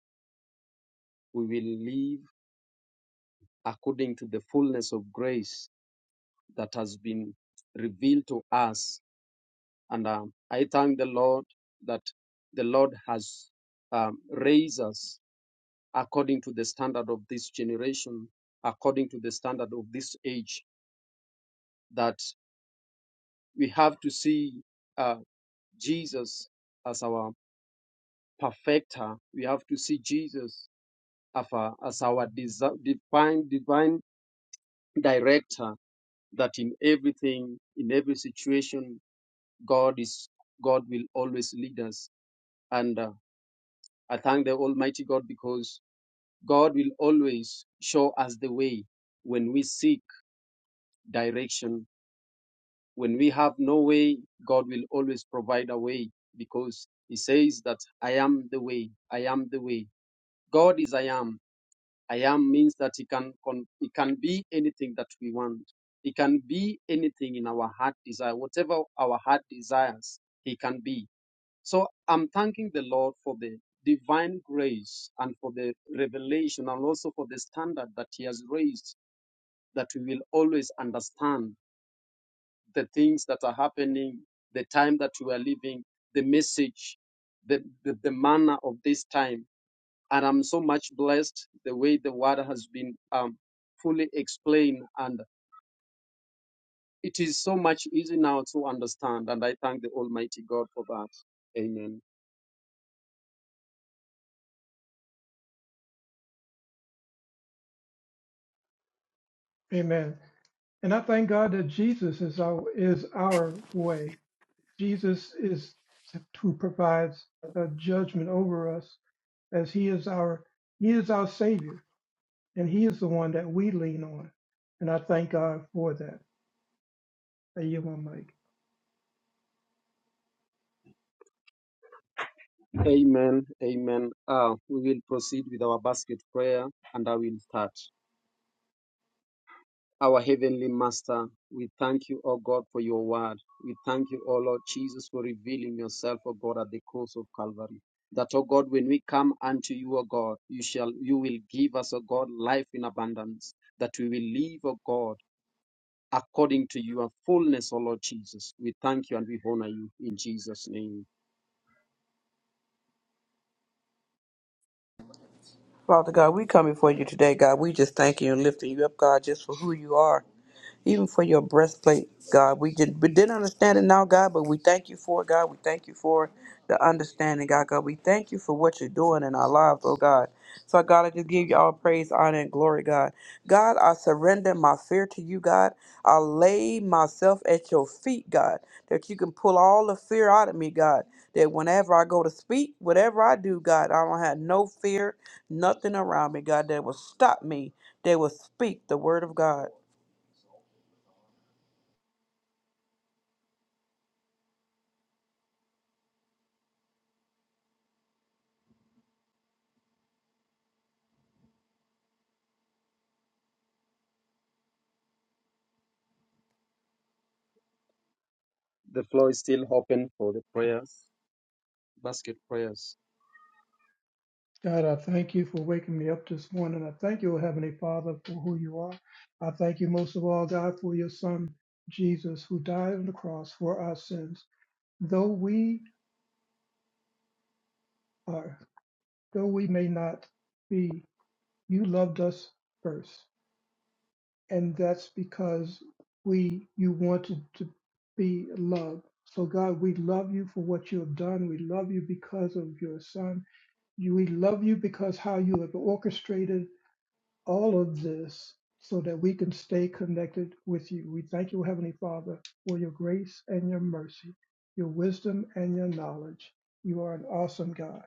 Speaker 8: we will live according to the fullness of grace that has been revealed to us And um, I thank the Lord that the Lord has um, raised us according to the standard of this generation, according to the standard of this age, that we have to see uh, Jesus as our perfecter. We have to see Jesus as our, as our desi- divine, divine director, that in everything, in every situation, God is God will always lead us. And uh, I thank the Almighty God because God will always show us the way when we seek direction. When we have no way, God will always provide a way because He says that I am the way. I am the way. God is I am. I am means that He can con- He can be anything that we want. He can be anything in our heart desire, whatever our heart desires, He can be. So I'm thanking the Lord for the divine grace and for the revelation and also for the standard that He has raised that we will always understand the things that are happening, the time that we are living, the message, the, the, the manner of this time. And I'm so much blessed the way the word has been um, fully explained. And it is so much easy now to understand. And I thank the Almighty God for that. Amen.
Speaker 2: Amen. And I thank God that Jesus is our is our way. Jesus is who provides a judgment over us as he is our he is our savior and he is the one that we lean on and i thank god for that i yield my mic
Speaker 8: Amen. Amen. Uh, we will proceed with our basket prayer and I will start. Our Heavenly Master, we thank you, O God, for your word. We thank you, O Lord Jesus, for revealing yourself, O God, at the cross of Calvary. That, O God, when we come unto you, O God, you shall you will give us, O God, life in abundance, that we will live, O God, according to your fullness, O Lord Jesus. We thank you and we honor you in Jesus' name.
Speaker 3: Father God, we come before you today, God. We just thank you and lifting you up, God, just for who you are. even for your breastplate, God. We did we didn't understand it now, God, but we thank you for it, God. We thank you for the understanding, God. God, we thank you for what you're doing in our lives, oh God. So God, I just give you all praise, honor, and glory, God. God, I surrender my fear to you, God. I lay myself at your feet, God, that you can pull all the fear out of me, God. That whenever I go to speak, whatever I do, God, I don't have no fear, nothing around me, God, that will stop me. That will speak the word of God.
Speaker 8: The floor is still open for the prayers, basket prayers.
Speaker 2: god i thank you for waking me up this morning i thank you O heavenly father for who you are i thank you most of all god for your son jesus who died on the cross for our sins though we are though we may not be you loved us first and that's because we you wanted to be loved. So God, we love you for what you have done. We love you because of your son. You, we love you because how you have orchestrated all of this so that we can stay connected with you. We thank you, Heavenly Father, for your grace and your mercy, your wisdom and your knowledge. You are an awesome God.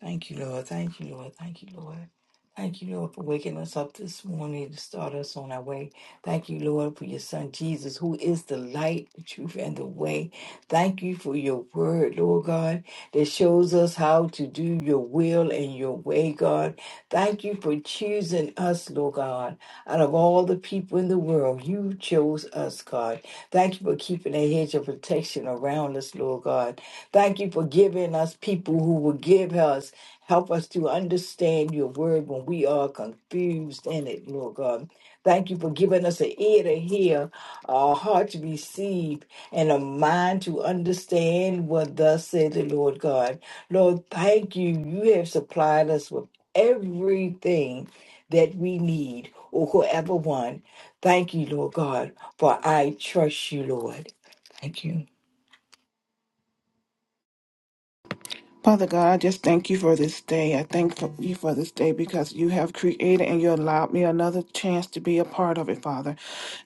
Speaker 5: Thank you, Lord. Thank you, Lord. Thank you, Lord. Thank you, Lord, for waking us up this morning to start us on our way. Thank you, Lord, for your son Jesus, who is the light, the truth, and the way. Thank you for your word, Lord God, that shows us how to do your will and your way, God. Thank you for choosing us, Lord God. Out of all the people in the world, you chose us, God. Thank you for keeping a hedge of protection around us, Lord God. Thank you for giving us people who will give us. Help us to understand your word when we are confused in it, Lord God. Thank you for giving us an ear to hear, a heart to receive, and a mind to understand what thus said the Lord God. Lord, thank you. You have supplied us with everything that we need or whoever one. Thank you, Lord God, for I trust you, Lord. Thank you.
Speaker 7: Father God, I just thank you for this day. I thank for you for this day because you have created and you allowed me another chance to be a part of it, Father.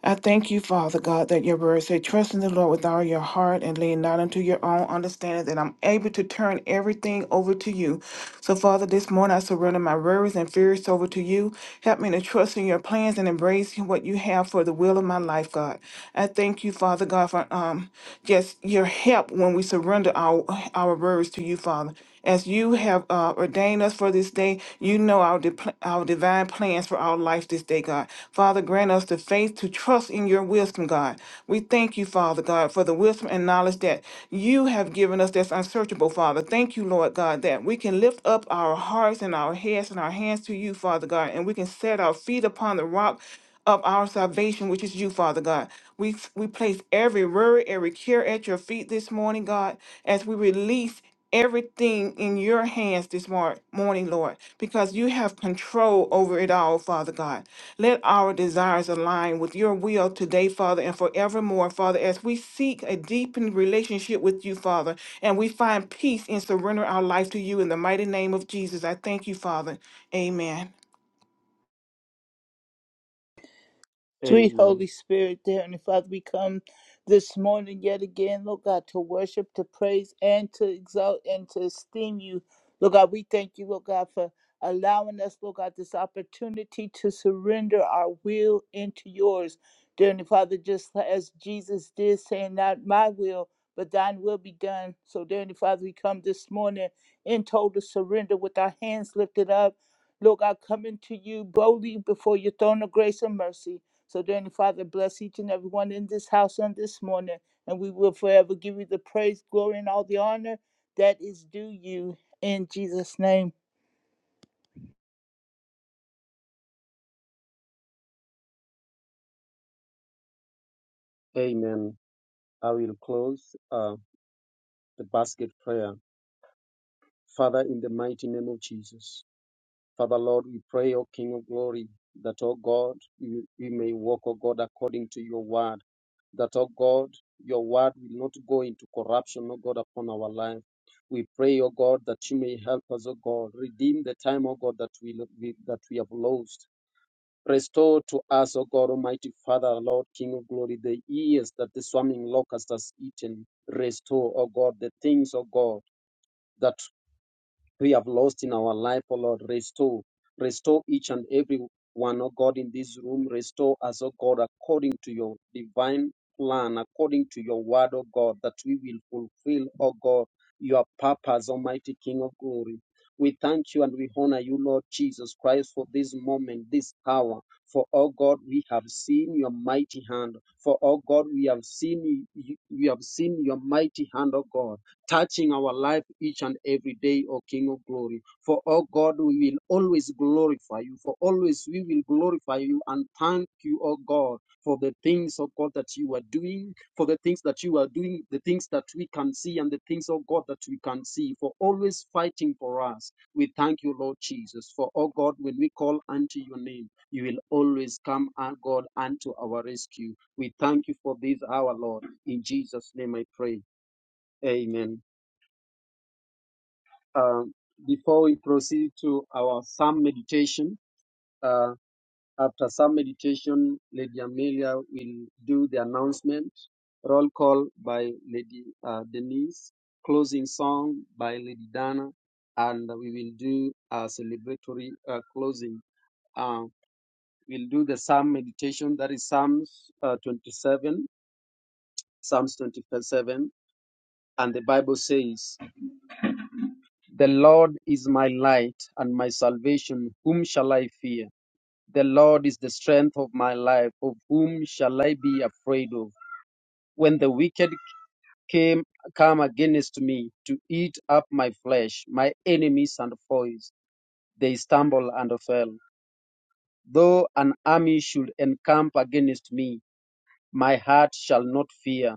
Speaker 7: I thank you, Father God, that your word say, trust in the Lord with all your heart and lean not unto your own understanding, that I'm able to turn everything over to you. So, Father, this morning I surrender my worries and fears over to you. Help me to trust in your plans and embrace what you have for the will of my life, God. I thank you, Father God, for um um, just your help when we surrender our our words to you, Father. As you have uh, ordained us for this day, you know our depl our divine plans for our life this day, God. Father, grant us the faith to trust in your wisdom, God. We thank you, Father God, for the wisdom and knowledge that you have given us that's unsearchable, Father. Thank you, Lord God, that we can lift up our hearts and our heads and our hands to you, Father God, and we can set our feet upon the rock of our salvation, which is you, Father God. We we place every worry, every care at your feet this morning, God, as we release everything in your hands this mor- morning, Lord, because you have control over it all, Father God. Let our desires align with your will today, Father, and forevermore, Father, as we seek a deepened relationship with you, Father, and we find peace and surrender our life to you in the mighty name of Jesus. I thank you, Father. Amen.
Speaker 9: Sweet Holy
Speaker 8: Amen.
Speaker 9: Spirit, dear Heavenly Father, we come this morning yet again, Lord God, to worship, to praise, and to exalt and to esteem you. Lord God, we thank you, Lord God, for allowing us, Lord God, this opportunity to surrender our will into yours. Dear Heavenly Father, just as Jesus did, saying, Not my will, but thine will be done. So, dear Heavenly Father, we come this morning in total surrender with our hands lifted up. Lord God, coming to you boldly before your throne of grace and mercy. So, dear Heavenly Father, bless each and every one in this house on this morning, and we will forever give you the praise, glory, and all the honor that is due you in Jesus' name.
Speaker 8: Amen. I will close uh, the basket prayer Father, in the mighty name of Jesus. Father, Lord, we pray, O King of glory, that, O God, we, we may walk, O God, according to your word. That, O God, your word will not go into corruption, O God, upon our life. We pray, O God, that you may help us, O God, redeem the time, O God, that we, we that we have lost. Restore to us, O God, Almighty Father, Lord, King of glory, the years that the swarming locust has eaten. Restore, O God, the things, O God, that we have lost in our life, O Lord. Restore, restore each and every one, oh God, in this room. Restore us, O God, according to your divine plan, according to your word, O God, that we will fulfill, O God, your purpose, Almighty King of glory. We thank you and we honor you, Lord Jesus Christ, for this moment, this hour. For, O God, we have seen your mighty hand. For, O God, we have seen you, we have seen your mighty hand, O God touching our life each and every day, O King of glory. For, O God, we will always glorify you. For always we will glorify you and thank you, O God, for the things, O God, that you are doing, for the things that you are doing, the things that we can see, and the things, O God, that we can see, for always fighting for us. We thank you, Lord Jesus. For, O God, when we call unto your name, you will always come, O God, unto our rescue. We thank you for this hour, Lord. In Jesus' name I pray. Amen. Um, before we proceed to our psalm meditation, uh, after psalm meditation, Lady Amelia will do the announcement. Roll call by Lady uh, Denise, closing song by Lady Dana, and we will do a celebratory uh, closing. Uh, we'll do the psalm meditation, that is Psalms uh, 27, Psalms 27, and the Bible says, The Lord is my light and my salvation. Whom shall I fear? The Lord is the strength of my life. Of whom shall I be afraid of? When the wicked came come against me to eat up my flesh, my enemies and foes, they stumble and fell. Though an army should encamp against me, my heart shall not fear.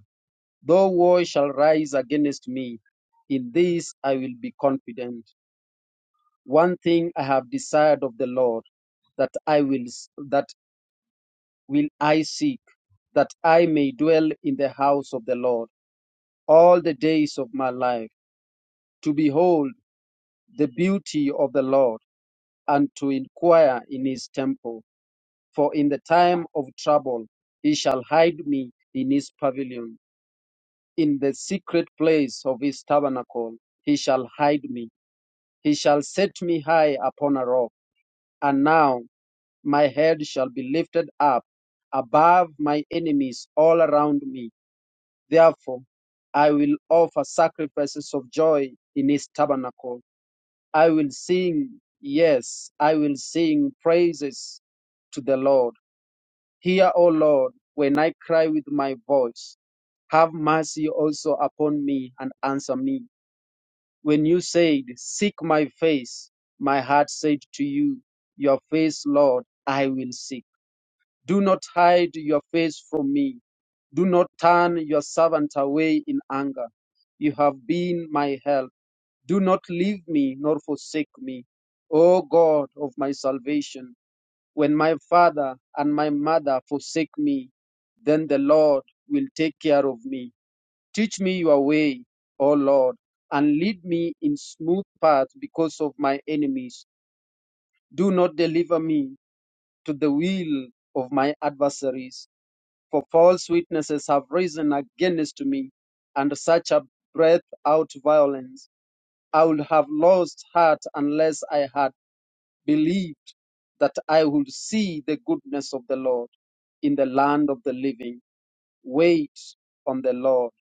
Speaker 8: Though war shall rise against me, in this I will be confident. One thing I have desired of the Lord, that I will that will I seek, that I may dwell in the house of the Lord all the days of my life, to behold the beauty of the Lord and to inquire in his temple. For in the time of trouble he shall hide me in his pavilion. In the secret place of his tabernacle he shall hide me. He shall set me high upon a rock. And now. My head shall be lifted up above my enemies all around me. Therefore, I will offer sacrifices of joy in his tabernacle. I will sing, yes, I will sing praises to the Lord. Hear, O Lord, when I cry with my voice. Have mercy also upon me and answer me. When you said, Seek my face, my heart said to you, Your face, Lord, I will seek. Do not hide your face from me. Do not turn your servant away in anger. You have been my help. Do not leave me nor forsake me. O God of my salvation, when my father and my mother forsake me, then the Lord will take care of me. Teach me your way, O Lord, and lead me in smooth paths because of my enemies. Do not deliver me to the will of my adversaries for false witnesses have risen against me, and such a breath out violence. I would have lost heart unless I had believed that I would see the goodness of the Lord in the land of the living. Wait on the Lord.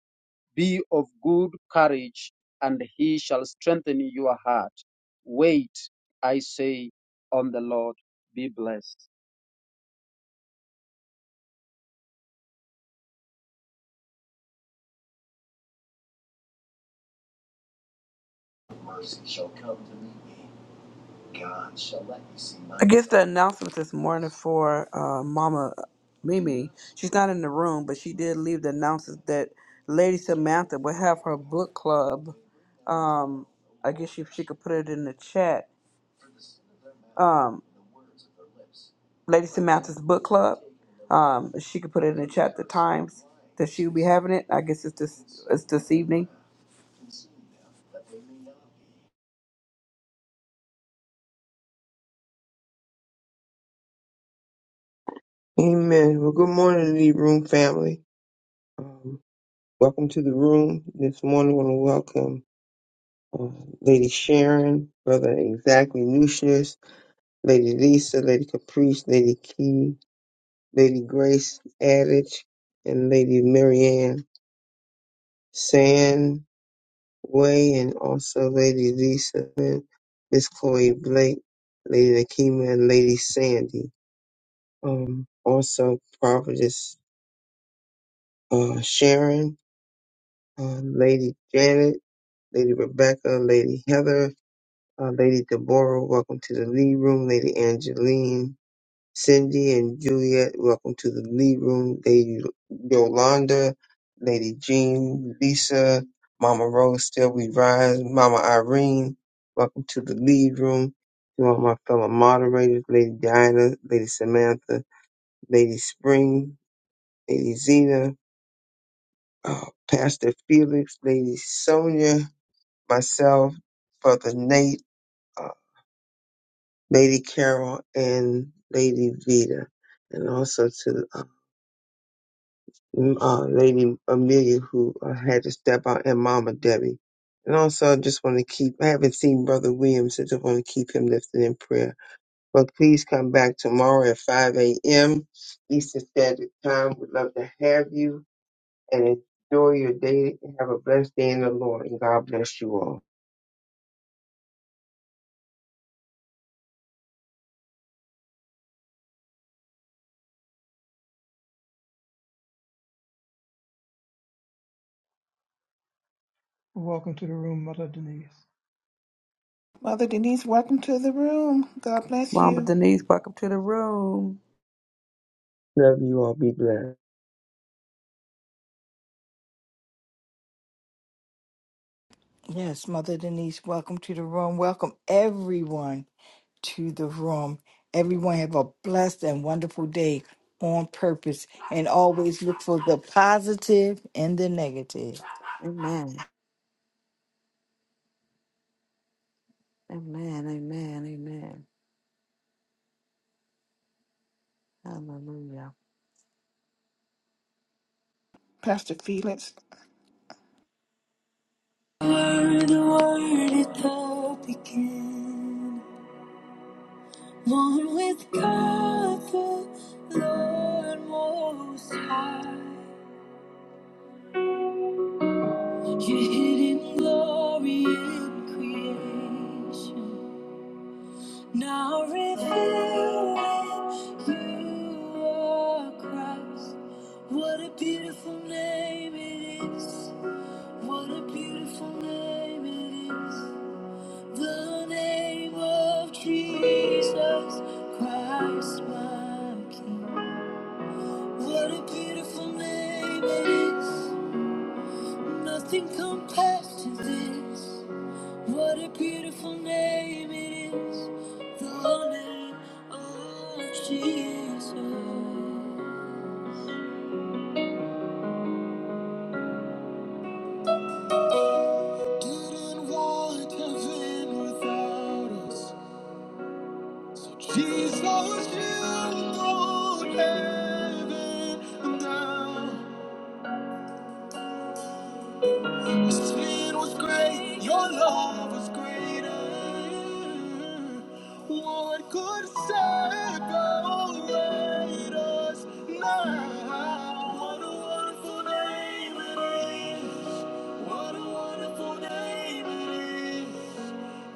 Speaker 8: Be of good courage, and he shall strengthen your heart. Wait, I say, on the Lord. Be blessed.
Speaker 3: I guess the announcement this morning for uh, Mama Mimi, she's not in the room, but she did leave the announcement that Lady Samantha will have her book club. Um, I guess if she could put it in the chat, um, Lady Samantha's book club. Um, she could put it in the chat the times that she'll be having it. I guess it's this it's this evening.
Speaker 6: good morning, Lead Room family. Um, welcome to the room. This morning, I want to welcome uh, Lady Sharon, Brother Exactly Nucius, Lady Lisa, Lady Caprice, Lady Key, Lady Grace Adage, and Lady Marianne Sand. Way and also Lady Lisa, and Miss Chloe Blake, Lady Nakima, and Lady Sandy. Um, also Prophetess uh, Sharon, uh, Lady Janet, Lady Rebecca, Lady Heather, uh, Lady Deborah. Welcome to the lead room, Lady Angeline. Cindy and Juliet, welcome to the lead room. Lady Yolanda, Lady Jean, Lisa, Mama Rose, still we rise. Mama Irene, welcome to the lead room. To all my fellow moderators, Lady Diana, Lady Samantha, Lady Spring, Lady Zena, uh, Pastor Felix, Lady Sonia, myself, Brother Nate, uh, Lady Carol, and Lady Vita. And also to uh, Mm, uh, Lady Amelia who uh, had to step out and Mama Debbie. And also, I just want to keep, I haven't seen Brother Williams so just want to keep him lifted in prayer. But please come back tomorrow at 5 a.m. Eastern Standard Time. We'd love to have you and enjoy your day. Have a blessed day in the Lord, and God bless you all.
Speaker 2: Welcome to the room, Mother Denise.
Speaker 7: Mother Denise, welcome to the room. God bless
Speaker 3: Mama
Speaker 7: you.
Speaker 3: Denise, welcome to the room.
Speaker 6: Love you all. Be blessed.
Speaker 5: Yes, Mother Denise, welcome to the room. Welcome everyone to the room. Everyone have a blessed and wonderful day on purpose and always look for the positive and the negative.
Speaker 10: Amen. Amen. Amen. Amen. Hallelujah.
Speaker 7: Pastor Felix.
Speaker 11: Word, the word, at the beginning, One with God, the Lord Most High. Your hidden glory in creation. Now revealed when you are Christ. What a beautiful name it is. What a beautiful name it is. The name of Jesus Christ, my King. What a beautiful name it is. Nothing compares to this. What a beautiful name it is. The name of Jesus. Didn't want heaven without us. Jesus, you know heaven and earth. Your sin was great, your love was greater. What could separate us now? What a wonderful name it is! What a wonderful name it is!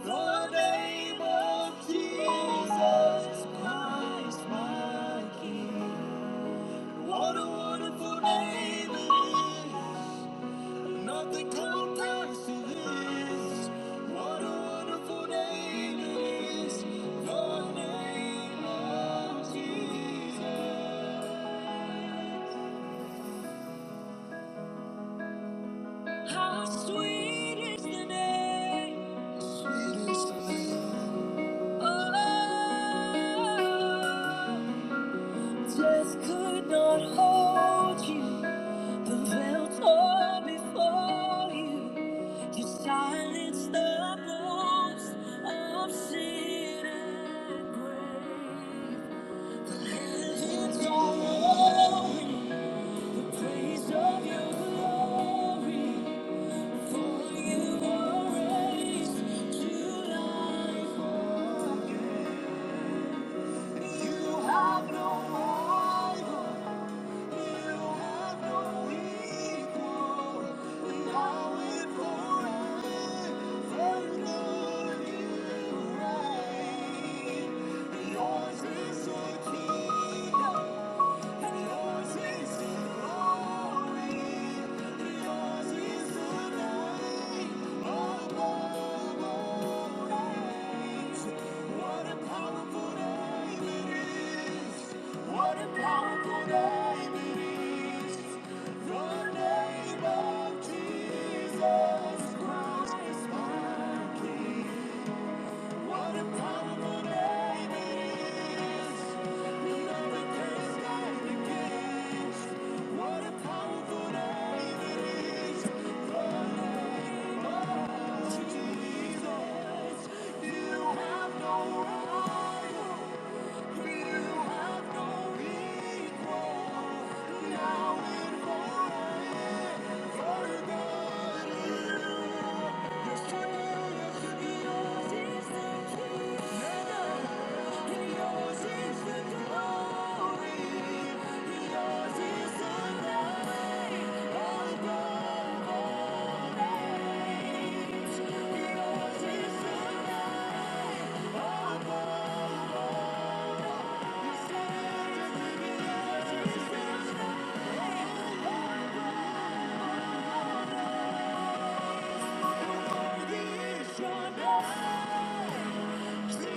Speaker 11: The name of Jesus Christ, my King. What a wonderful name it is. Nothing compares to this. What a wonderful name it is. The name of Jesus. How sweet is the name. Sweet is the name. Oh. Just could not hold you, but felt all before you. You silenced the voice of sin and grave. The heavens are open, the praise of your glory. For you were raised to life again. You have no rival. Yours is the glory, yours is Jesus Christ, my King. What a powerful name it is. Nothing can stand against. What a powerful name it is. The Jesus. You have no rival. You have no equal. Now and forever, God. Yours is your name. Your name,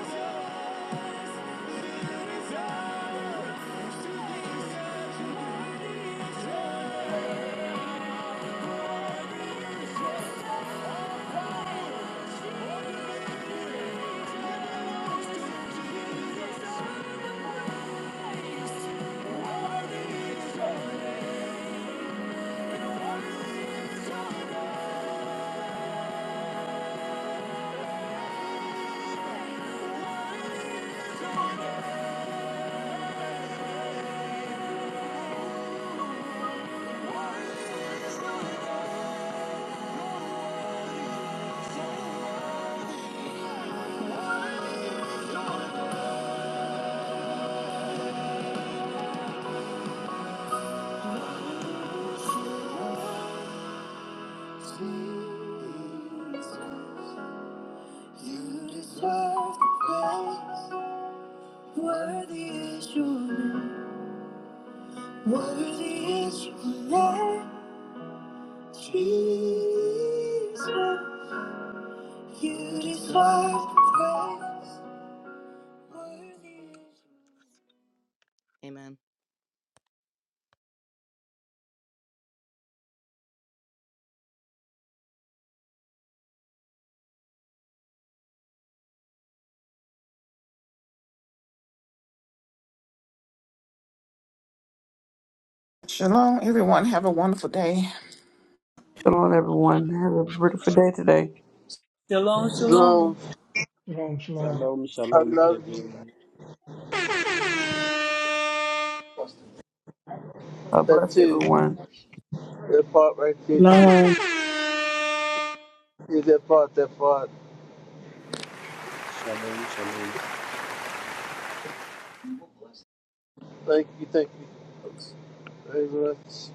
Speaker 11: Jesus. Jesus, You deserve the best. Worthy is your name. Worthy is your name, Jesus. You deserve the praise. Worthy is
Speaker 7: Shalom, everyone. Have a wonderful day.
Speaker 3: Shalom, everyone. Have a beautiful day today.
Speaker 12: Shalom, shalom.
Speaker 4: Jerome,
Speaker 2: Shalom, shalom.
Speaker 4: I love you.
Speaker 3: God
Speaker 4: That
Speaker 3: bless
Speaker 4: too.
Speaker 3: everyone.
Speaker 4: That part right there too.
Speaker 13: Long.
Speaker 4: Yeah, that part, that part.
Speaker 8: Shalom, shalom.
Speaker 4: Thank you, thank you very much.